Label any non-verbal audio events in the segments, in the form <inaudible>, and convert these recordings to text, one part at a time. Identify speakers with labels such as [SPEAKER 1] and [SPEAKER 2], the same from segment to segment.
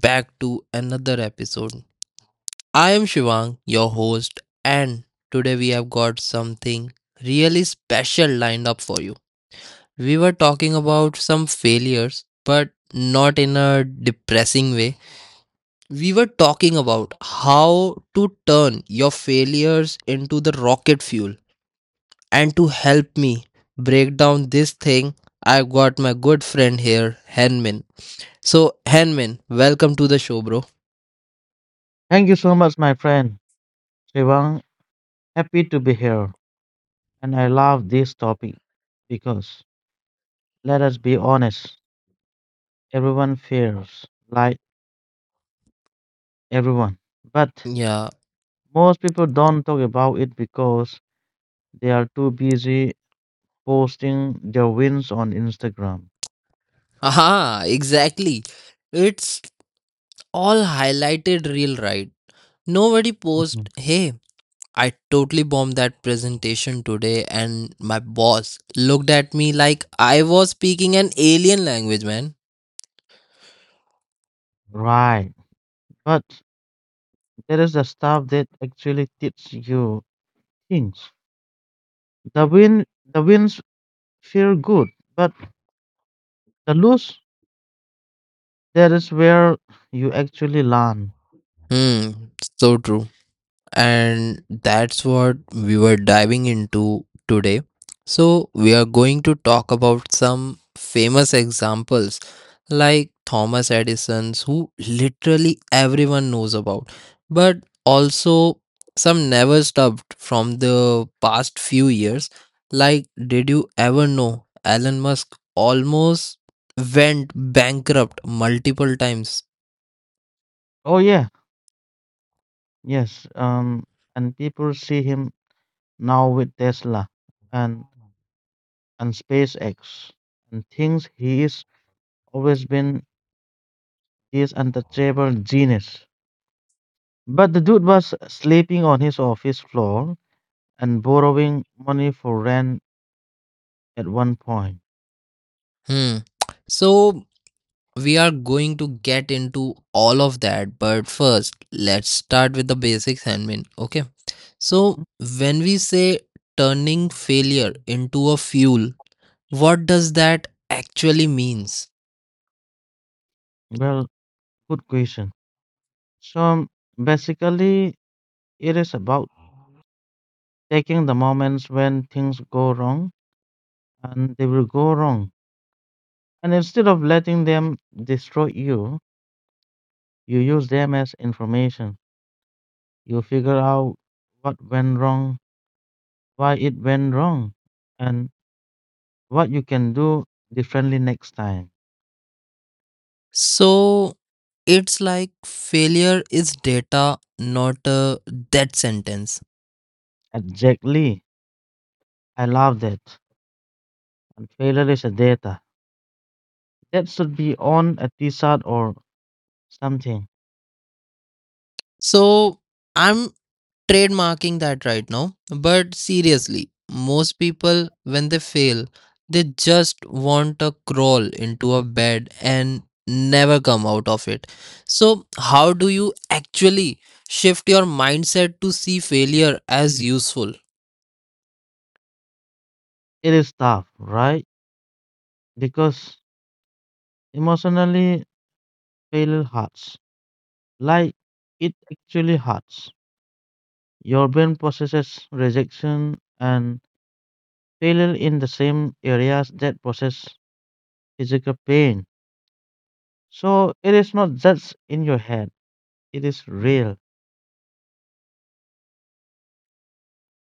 [SPEAKER 1] back to another episode. I am Shivang, your host, and today we have got something really special lined up for you. We were talking about some failures, but not in a depressing way. We were talking about how to turn your failures into the rocket fuel. And to help me break down this thing, I've got my good friend here, Henmin. So, Henmin, welcome to the show, bro.
[SPEAKER 2] Thank you so much, my friend Shivang. Happy to be here. And I love this topic because, let us be honest, everyone fears, like everyone. But
[SPEAKER 1] Yeah.
[SPEAKER 2] most people don't talk about it because they are too busy posting their wins on Instagram.
[SPEAKER 1] Aha, exactly. It's all highlighted real, right? Nobody
[SPEAKER 2] Mhm.
[SPEAKER 1] post, hey, I totally bombed that presentation today and my boss looked at me like I was speaking an alien language, man.
[SPEAKER 2] Right. But there is the stuff that actually teaches you things. The win the wins feel good, but the lose, that is where you actually learn.
[SPEAKER 1] Hmm, so true. And that's what we were diving into today. So, we are going to talk about some famous examples like Thomas Edison, who literally everyone knows about, but also some never stopped from the past few years. Like, did you ever know Elon Musk almost went bankrupt multiple times?
[SPEAKER 2] Oh yeah, yes. And people see him now with Tesla and and SpaceX and thinks he is always been this untouchable genius. But the dude was sleeping on his office floor and borrowing money for rent at one point.
[SPEAKER 1] Hmm. So, We are going to get into all of that, but first, let's start with the basics, Hanmin. Okay. So, when we say turning failure into a fuel, what does that actually means?
[SPEAKER 2] Well, good question. So basically, it is about taking the moments when things go wrong, and they will go wrong, and instead of letting them destroy you. You use them as information. You figure out what went wrong, why it went wrong, and what you can do differently next time.
[SPEAKER 1] So, it's like failure is data, not a death sentence.
[SPEAKER 2] Exactly. I love that. And failure is a data. That should be on a t-shirt or something.
[SPEAKER 1] So, I'm trademarking that right now. But seriously, most people, when they fail, they just want to crawl into a bed and never come out of it. So, how do you actually shift your mindset to see failure as useful?
[SPEAKER 2] It is tough, right? Because emotionally failure hurts. Like, it actually hurts. Your brain processes rejection and failure in the same areas that process physical pain. So it is not just in your head, it is real.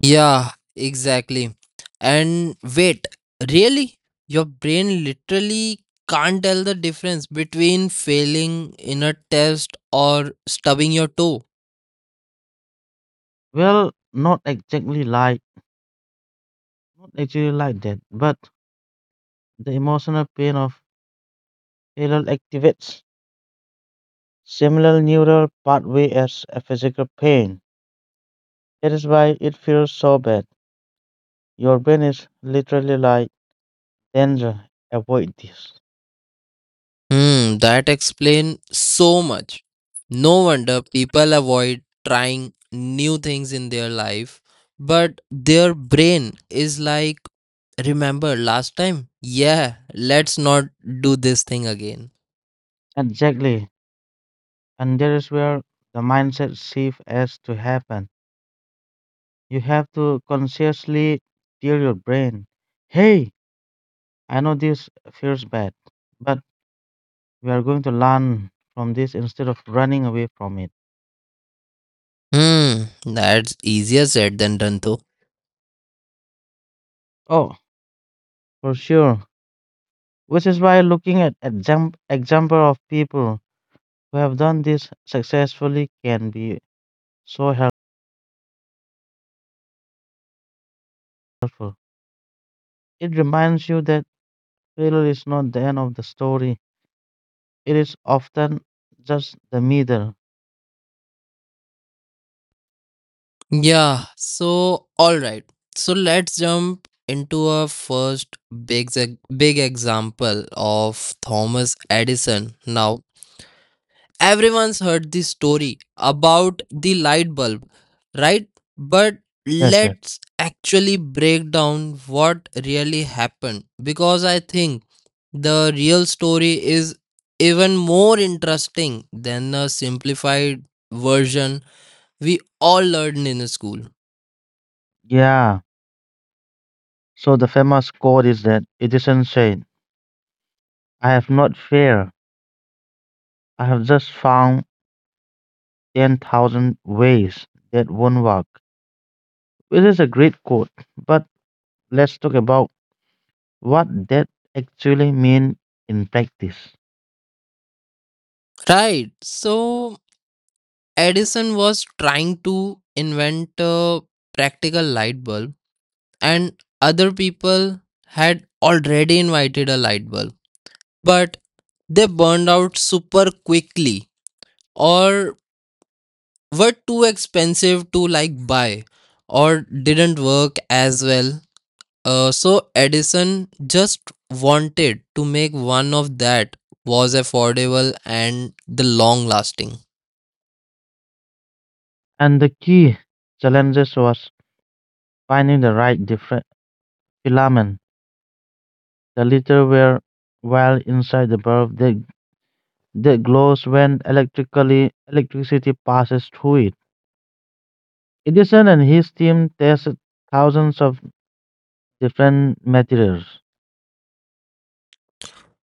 [SPEAKER 1] Yeah, exactly. And wait, really? Your brain literally can't tell the difference between failing in a test or stubbing your toe.
[SPEAKER 2] Well, not exactly, like, not actually like that, but the emotional pain of failure activates similar neural pathway as a physical pain. That is why it feels so bad. Your brain is literally like, danger, avoid this.
[SPEAKER 1] That explains so much. No wonder people avoid trying new things in their life, but their brain is like, remember last time? Yeah, let's not do this thing again.
[SPEAKER 2] Exactly. And there is where the mindset shift has to happen. You have to consciously tell your brain, hey, I know this feels bad, but we are going to learn from this instead of running away from it.
[SPEAKER 1] That's easier said than done though.
[SPEAKER 2] Oh, for sure. Which is why looking at example of people who have done this successfully can be so helpful. It reminds you that failure is not the end of the story. It is often just the middle.
[SPEAKER 1] Alright, so let's jump into our first big example of Thomas Edison now. Everyone's heard the story about the light bulb, right? But
[SPEAKER 2] Yes, sir.
[SPEAKER 1] let's actually break down what really happened, because I think the real story is even more interesting than the simplified version we all learned in school.
[SPEAKER 2] Yeah. So the famous quote is that it isn't said, I have not failed. I have just found 10,000 ways that won't work, which is a great quote. But let's talk about what that actually means in practice.
[SPEAKER 1] Right. So Edison was trying to invent a practical light bulb, and other people had already invited a light bulb, but they burned out super quickly or were too expensive to like buy or didn't work as well. So Edison just wanted to make one of that was affordable and the long lasting.
[SPEAKER 2] And the key challenges was finding the right different filament. The little were while inside the bulb that glows when electrically electricity passes through it. Edison and his team tested thousands of different materials.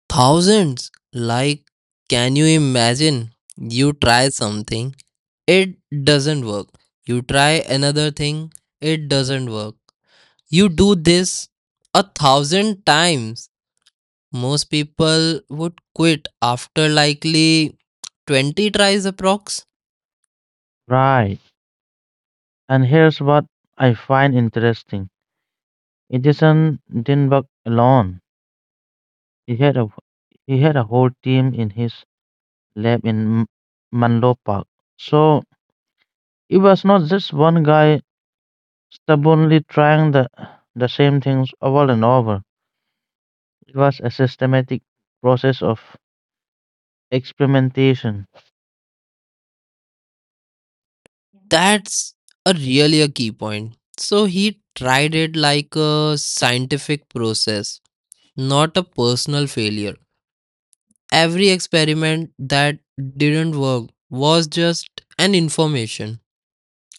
[SPEAKER 1] Thousands. Like, can you imagine? You try something, it doesn't work. You try another thing, it doesn't work. You do this 1,000 times. Most people would quit after likely 20 tries approx.
[SPEAKER 2] Right. And here's what I find interesting, Edison didn't work alone. He had a he had a whole team in his lab in Menlo Park. So it was not just one guy stubbornly trying the same things over and over. It was a systematic process of experimentation.
[SPEAKER 1] That's a really a key point. So he tried it like a scientific process, not a personal failure. Every experiment that didn't work was just an information.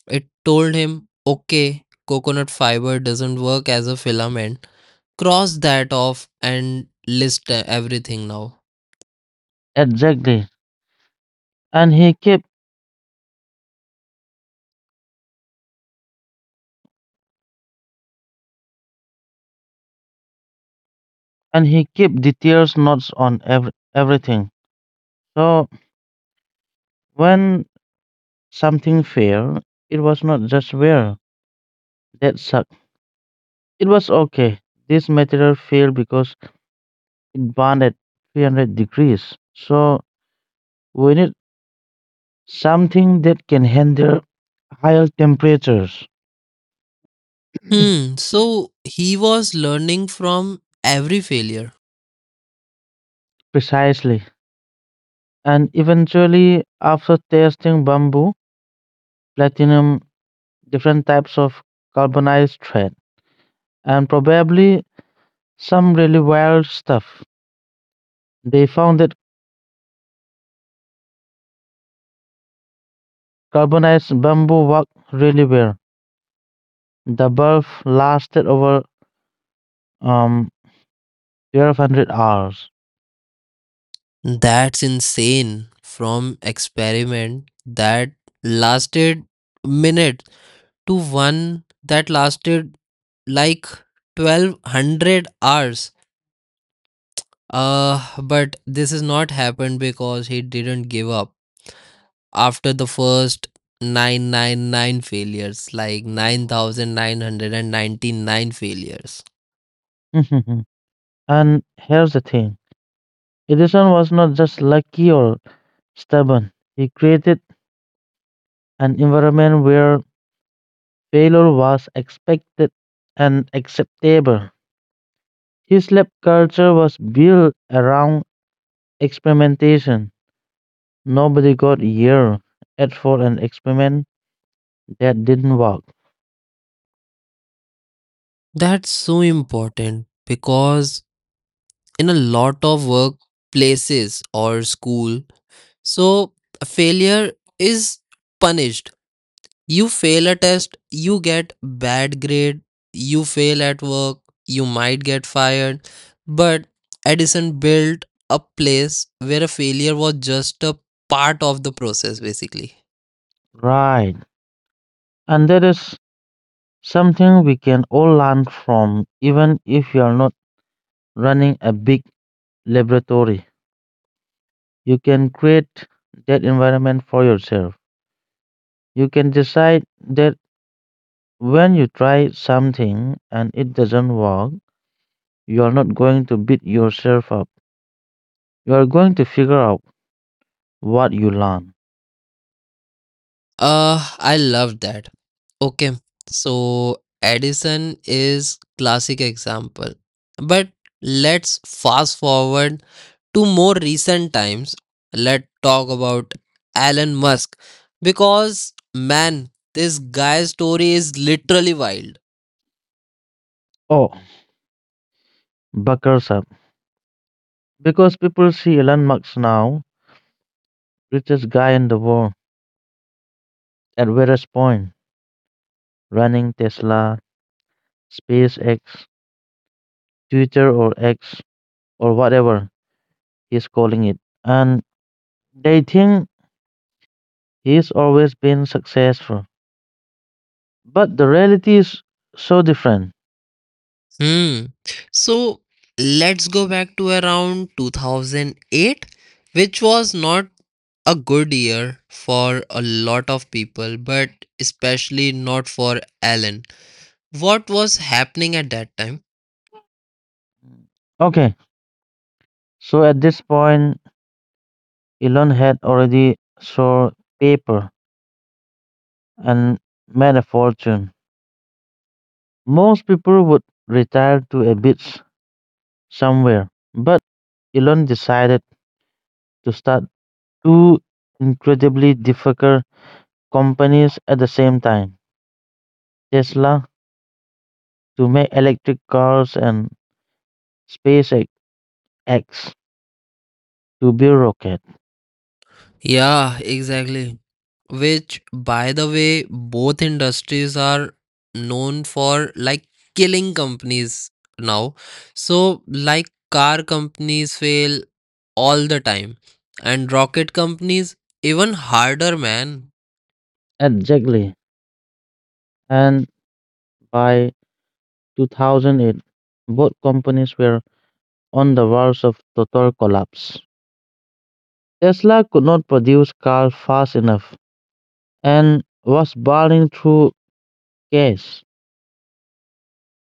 [SPEAKER 1] It told him, okay, coconut fiber doesn't work as a filament. Cross that off and list everything now.
[SPEAKER 2] Exactly. And he kept and he kept details notes on everything. So when something failed, it was not just where that sucked. It was okay. This material failed because it burned at 300 degrees. So we need something that can handle higher temperatures
[SPEAKER 1] So he was learning from every failure.
[SPEAKER 2] precisely. And eventually, after testing bamboo, platinum, different types of carbonized thread, and probably some really wild stuff, they found that carbonized bamboo worked really well. The bulb lasted over um, 1200 hours.
[SPEAKER 1] That's insane. From experiment that lasted minutes to one that lasted like 1200 hours. But this has not happened because he didn't give up after the first 999 failures, like 9999 failures.
[SPEAKER 2] <laughs> And here's the thing, Edison was not just lucky or stubborn, he created an environment where failure was expected and acceptable. His lab culture was built around experimentation. Nobody got year at for an experiment that didn't work.
[SPEAKER 1] That's so important because in a lot of workplaces or school, so failure is punished. You fail a test, you get bad grade, you fail at work, you might get fired. But Edison built a place where a failure was just a part of the process basically.
[SPEAKER 2] Right. And that is something we can all learn from even if you are not running a big laboratory. You can create that environment for yourself. You can decide that when you try something and it doesn't work, you are not going to beat yourself up. You are going to figure out what you learn.
[SPEAKER 1] I love that. Okay. So Edison is classic example. But let's fast forward to more recent times, let's talk about Elon Musk because man, this guy's story is literally wild.
[SPEAKER 2] Oh, buckles up. Because people see Elon Musk now, richest guy in the world, at various point, running Tesla, SpaceX, Twitter or X or whatever he's calling it. And they think he's always been successful. But the reality is so different.
[SPEAKER 1] Hmm. So let's go back to around 2008, which was not a good year for a lot of people, but especially not for Alan. What was happening at that time?
[SPEAKER 2] Okay, so at this point, Elon had already sold paper and made a fortune. Most people would retire to a beach somewhere, but Elon decided to start two incredibly difficult companies at the same time, Tesla to make electric cars and SpaceX to build rockets.
[SPEAKER 1] Yeah, exactly. Which, by the way, both industries are known for like killing companies now. So, like, car companies fail all the time, and rocket companies even harder, man.
[SPEAKER 2] Exactly. And by 2008, both companies were on the verge of total collapse. Tesla could not produce cars fast enough and was burning through cash.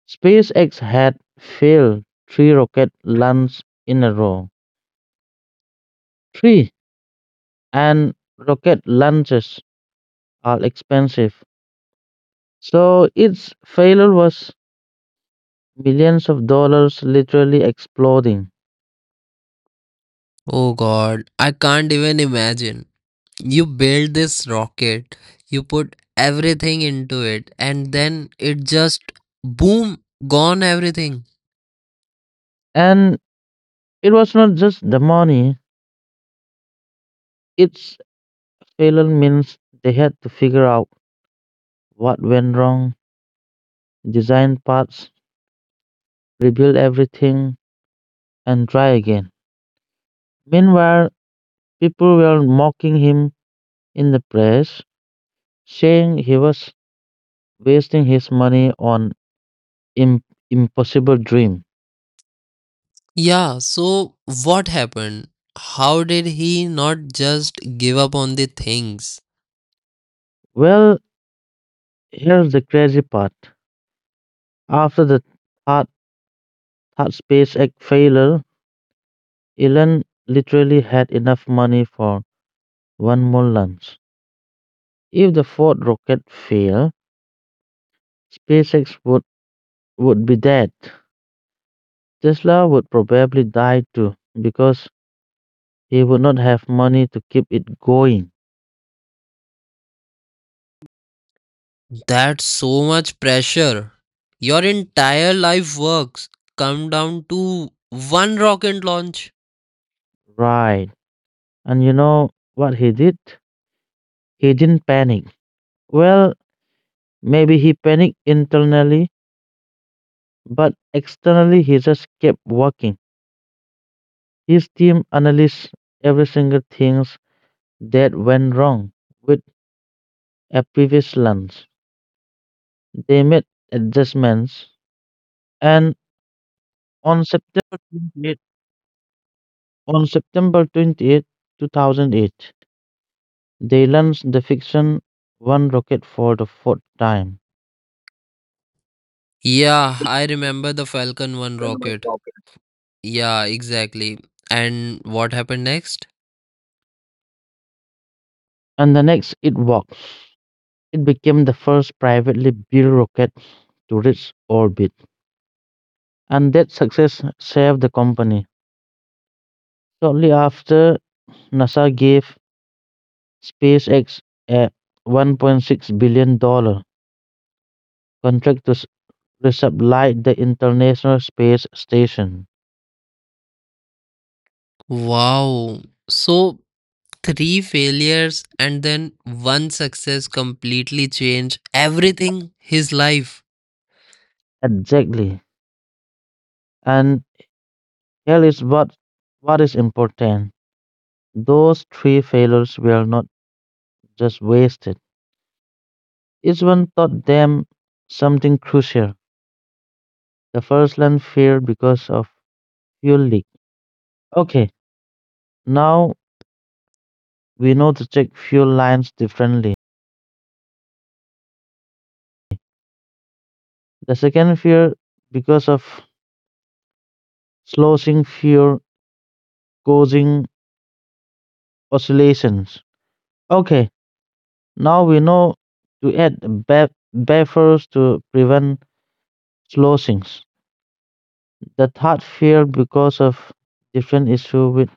[SPEAKER 2] SpaceX had failed three rocket launches in a row. Three, and rocket launches are expensive. So its failure was millions of dollars literally exploding.
[SPEAKER 1] Oh god, I can't even imagine. You build this rocket, you put everything into it, and then it just boom, gone everything.
[SPEAKER 2] And it was not just the money, it's failure means they had to figure out what went wrong, design parts, rebuild everything, and try again. Meanwhile, people were mocking him in the press, saying he was wasting his money on im- impossible dream.
[SPEAKER 1] Yeah, so what happened? How did he not just give up on the things?
[SPEAKER 2] Well, here's the crazy part. After the third, third SpaceX failure, Elon literally had enough money for one more launch. If the fourth rocket failed, SpaceX would be dead. Tesla would probably die too because he would not have money to keep it going.
[SPEAKER 1] That's so much pressure. Your entire life works come down to one rocket launch.
[SPEAKER 2] Right. And you know what he did? He didn't panic. Well, maybe he panicked internally, but externally he just kept working. His team analyzed every single things that went wrong with a previous launch. They made adjustments and on September on September 28th, 2008, they launch the fiction one rocket for the fourth time,
[SPEAKER 1] Yeah, I remember the Falcon 1 rocket. Yeah, exactly. And what happened next?
[SPEAKER 2] and the next it walks. It became the first privately built rocket to reach orbit, and that success saved the company. Shortly after, NASA gave SpaceX a $1.6 billion contract to resupply the International Space Station.
[SPEAKER 1] Wow. So, three failures and then one success completely changed everything his life.
[SPEAKER 2] Exactly. And here is what is important. Those three failures were not just wasted. Each one taught them something crucial. The first line failed because of fuel leak. Okay, now we know to check fuel lines differently. The second fear because of slowing fuel causing oscillations. Okay, now we know to add buffers to prevent slowings. The third fear because of different issue with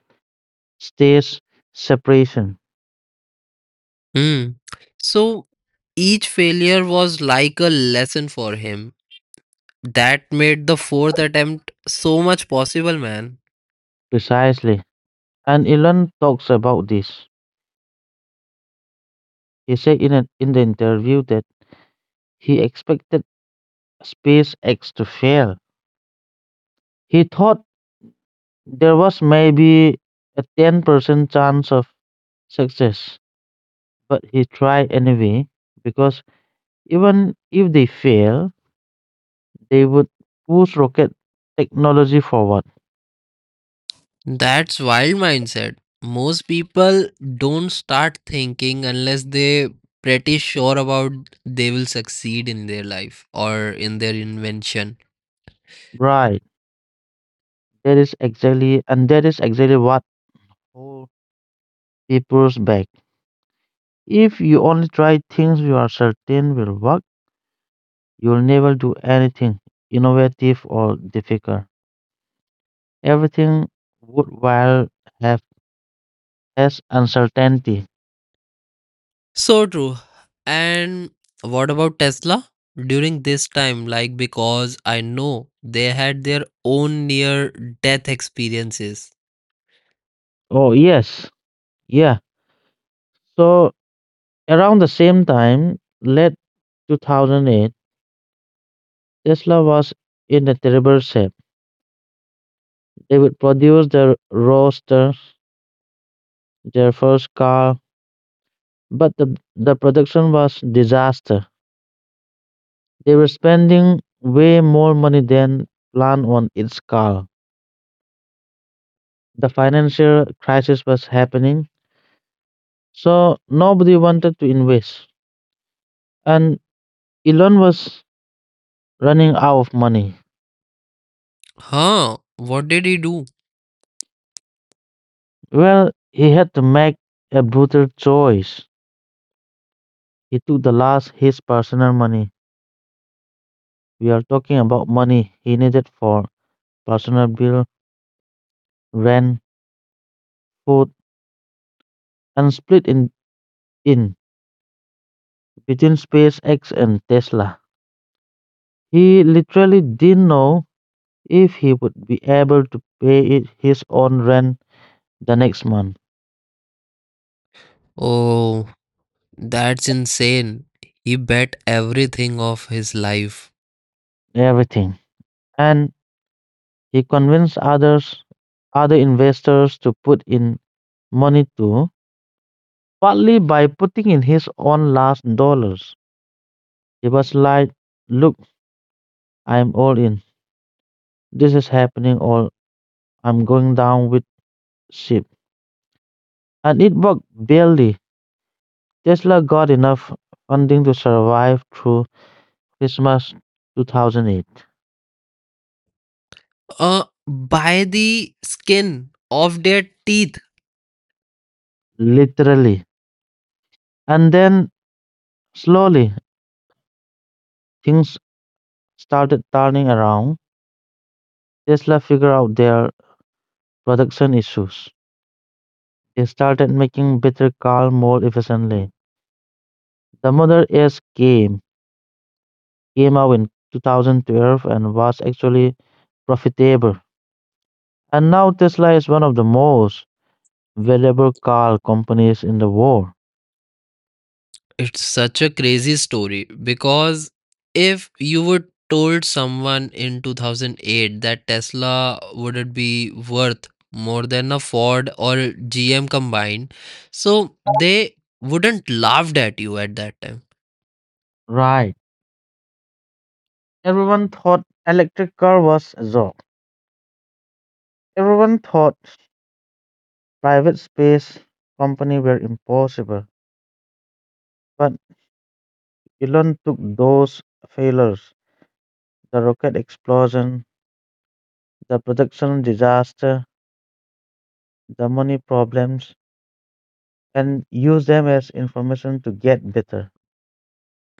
[SPEAKER 2] stage separation.
[SPEAKER 1] Hmm. So each failure was like a lesson for him. That made the fourth attempt so much possible, man.
[SPEAKER 2] Precisely. And Elon talks about this. He said in the interview that he expected SpaceX to fail. He thought there was maybe a 10% chance of success, but he tried anyway because even if they fail, they would push rocket technology forward.
[SPEAKER 1] That's wild mindset. Most people don't start thinking unless they pretty sure about they will succeed in their life or in their invention.
[SPEAKER 2] Right. That is exactly what holds people's back. If you only try things you are certain will work, you'll never do anything innovative or difficult. Everything would while have less uncertainty.
[SPEAKER 1] So true. And what about Tesla? During this time, like because I know they had their own near death experiences.
[SPEAKER 2] Oh, yes. Yeah. So around the same time, late 2008, Tesla was in a terrible shape. They would produce their roadster, their first car, but the production was disaster. They were spending way more money than planned on its car. The financial crisis was happening, so nobody wanted to invest. And Elon was running out of money.
[SPEAKER 1] Huh? What did he do?
[SPEAKER 2] Well, he had to make a brutal choice. He took the last his personal money. We are talking about money he needed for personal bill, rent, food, and split in between SpaceX and Tesla. He literally didn't know if he would be able to pay it his own rent the next month,
[SPEAKER 1] Oh, that's insane. He bet everything of his life.
[SPEAKER 2] everything. And he convinced other investors to put in money too, partly by putting in his own last dollars. He was like, look, I'm all in. This is happening, or I'm going down with ship. And it worked, barely. Tesla got enough funding to survive through Christmas 2008,
[SPEAKER 1] By the skin of their teeth.
[SPEAKER 2] literally. And then, slowly, things started turning around. Tesla figured out their production issues. They started making better cars more efficiently. The Model S came out in 2012 and was actually profitable. And now Tesla is one of the most valuable car companies in the world.
[SPEAKER 1] It's such a crazy story because if you would told someone in 2008 that Tesla would it be worth more than a Ford or GM combined, so they wouldn't laughed at you at that time.
[SPEAKER 2] Right. Everyone thought electric car was a joke. Everyone thought private space company were impossible. But Elon took those failures, the rocket explosion, the production disaster, the money problems, and used them as information to get better.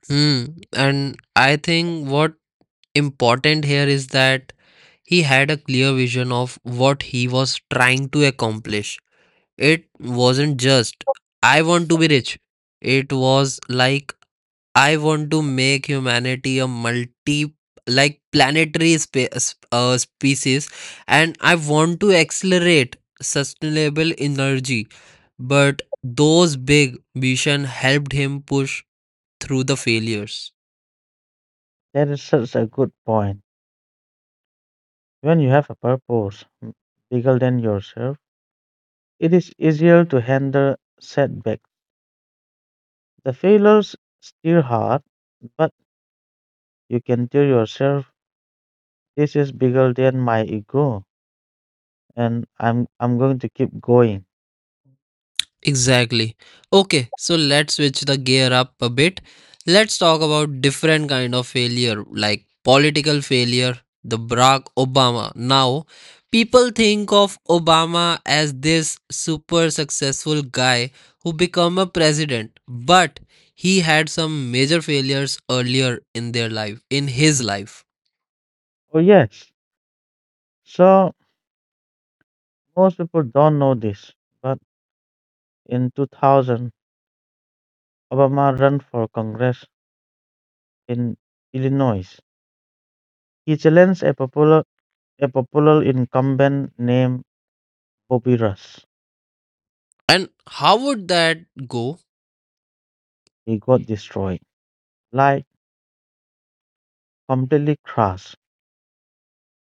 [SPEAKER 1] Hmm. And I think what important here is that he had a clear vision of what he was trying to accomplish. It wasn't just, I want to be rich. It was like, I want to make humanity a multi, like planetary species, and I want to accelerate sustainable energy. But those big vision helped him push through the failures.
[SPEAKER 2] That is such a good point. When you have a purpose bigger than yourself, it is easier to handle setbacks. The failures still hard, but you can tell yourself, this is bigger than my ego, and I'm going to keep going.
[SPEAKER 1] Exactly. Okay, so let's switch the gear up a bit. Let's talk about different kind of failure like political failure, the Barack Obama. Now, people think of Obama as this super successful guy who become a president, but he had some major failures earlier in their life, in his life.
[SPEAKER 2] Oh yes. So most people don't know this, but in 2000, Obama ran for Congress in Illinois. He challenged a popular incumbent named Bobby Rush.
[SPEAKER 1] And how would that go?
[SPEAKER 2] He got destroyed. Like, completely crashed.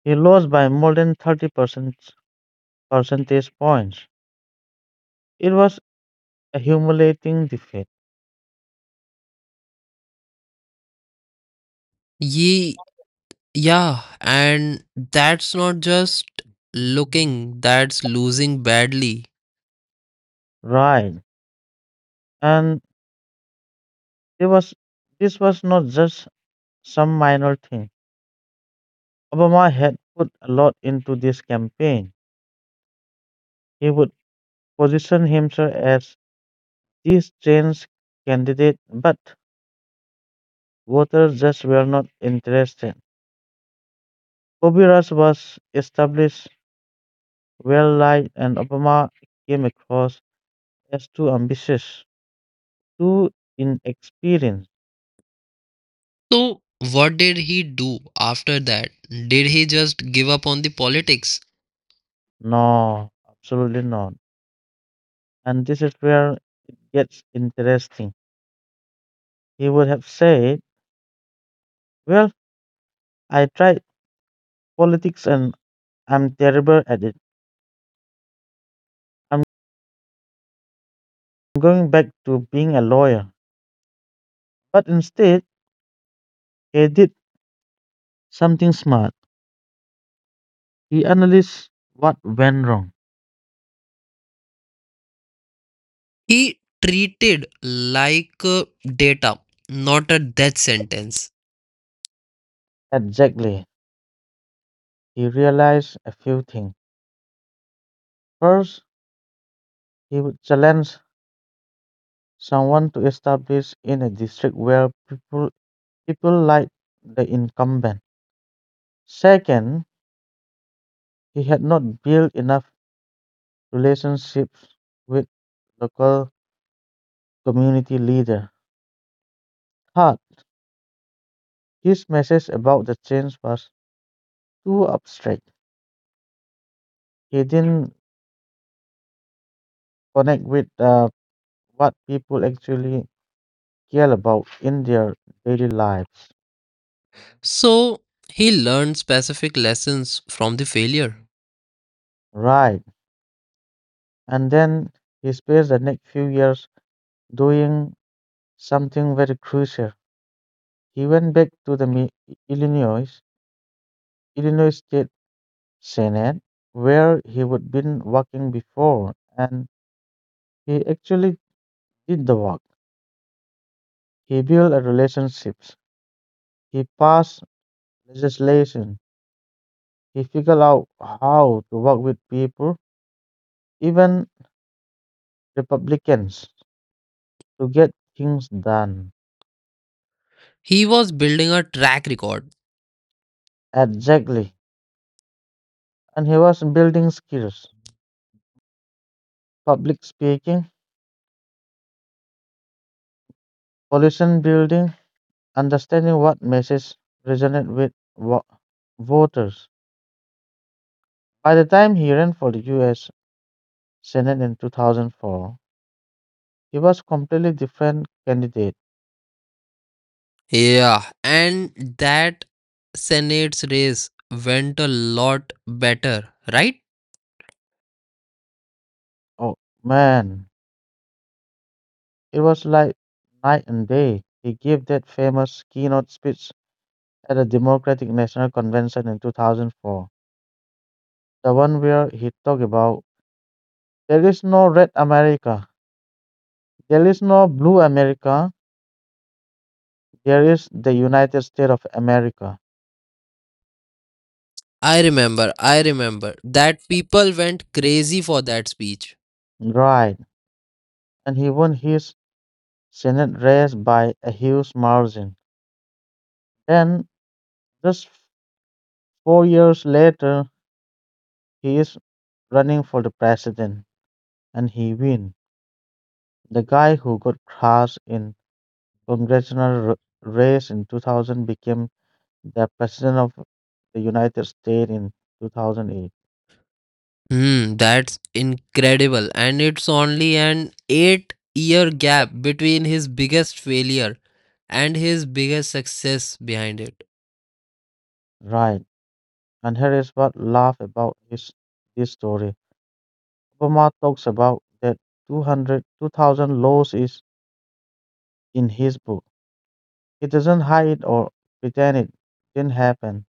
[SPEAKER 2] He lost by more than 30 percentage points. It was a humiliating defeat.
[SPEAKER 1] Ye Yeah, and that's not just looking, that's losing badly.
[SPEAKER 2] Right. And it was this was not just some minor thing. Obama had put a lot into this campaign. He would position himself as this change candidate, but voters just were not interested. Bobby Rush was established, well liked, and Obama came across as too ambitious. Too inexperienced?
[SPEAKER 1] So, what did he do after that? Did he just give up on the politics?
[SPEAKER 2] No, absolutely not. And this is where it gets interesting. He would have said, well, I tried politics and I'm terrible at it. I'm going back to being a lawyer. But instead, he did something smart. He analyzed what went wrong.
[SPEAKER 1] He treated like data, not a death sentence.
[SPEAKER 2] Exactly. He realized a few things. First, he would challenge someone to establish in a district where people like the incumbent. Second, he had not built enough relationships with local community leaders. Third, his message about the change was too abstract. He didn't connect with what people actually care about in their daily lives.
[SPEAKER 1] So, he learned specific lessons from the failure.
[SPEAKER 2] Right. And then he spent the next few years doing something very crucial. He went back to the Illinois, Illinois State Senate, where he would been working before, and he actually did the work. He built a relationships. He passed legislation. He figured out how to work with people, even Republicans, to get things done.
[SPEAKER 1] He was building a track record.
[SPEAKER 2] Exactly. And he was building skills, public speaking, coalition building, understanding what message resonate with voters. By the time he ran for the U.S. Senate in 2004, he was completely different candidate.
[SPEAKER 1] Yeah, and that Senate's race went a lot better, right?
[SPEAKER 2] Oh man, it was like night and day. He gave that famous keynote speech at the Democratic National Convention in 2004. The one where he talked about there is no red America, there is no blue America, there is the United States of America.
[SPEAKER 1] I remember that people went crazy for that speech.
[SPEAKER 2] Right. And he won his Senate race by a huge margin. Then, just 4 years later, he is running for the president and he win. The guy who got crash in congressional race in 2000 became the president of the United States in 2008.
[SPEAKER 1] Hmm, that's incredible. And it's only an 8 year gap between his biggest failure and his biggest success behind it.
[SPEAKER 2] Right. And here is what laugh about his this story. Obama talks about that 2000 laws is in his book. He doesn't hide or pretend it didn't happen.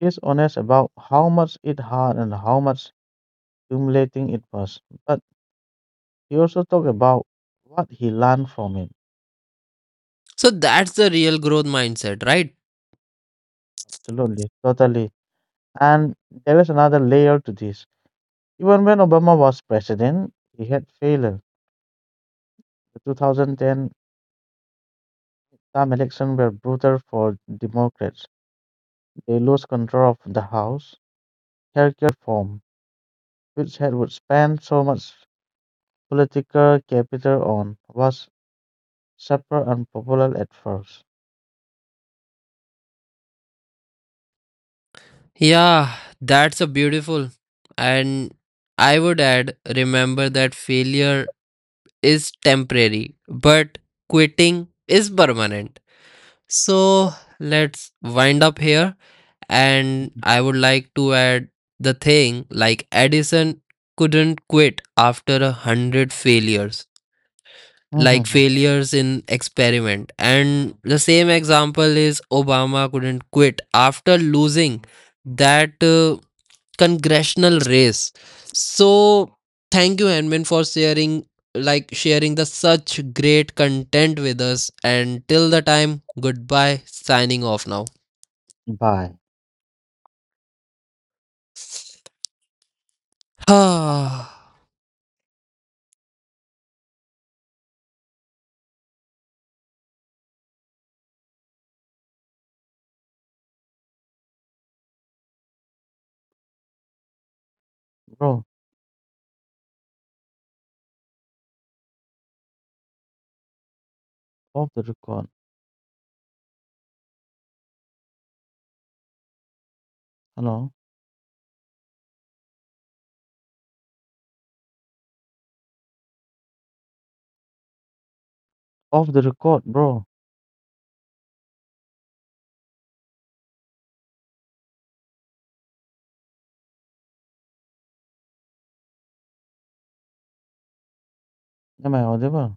[SPEAKER 2] He's honest about how much it hurt and how much humiliating it was. But he also talk about what he learned from him.
[SPEAKER 1] So that's the real growth mindset, right?
[SPEAKER 2] Absolutely, totally. And there is another layer to this. Even when Obama was president, he had failed. The 2010 time election were brutal for Democrats. They lost control of the House. Healthcare reform, which had would spend so much political capital on, was super unpopular at first.
[SPEAKER 1] Yeah, that's a beautiful. And I would add, remember that failure is temporary, but quitting is permanent. So let's wind up here. And I would like to add the thing like Edison couldn't quit after 100 failures, like
[SPEAKER 2] Mhm.
[SPEAKER 1] failures in experiment. And the same example is Obama couldn't quit after losing that congressional race. So thank you, Henman, for sharing the such great content with us and till the time goodbye signing off now.
[SPEAKER 2] Bye,
[SPEAKER 1] <sighs>
[SPEAKER 2] bro. Off the record. Hello. Off the record, bro. Am I audible?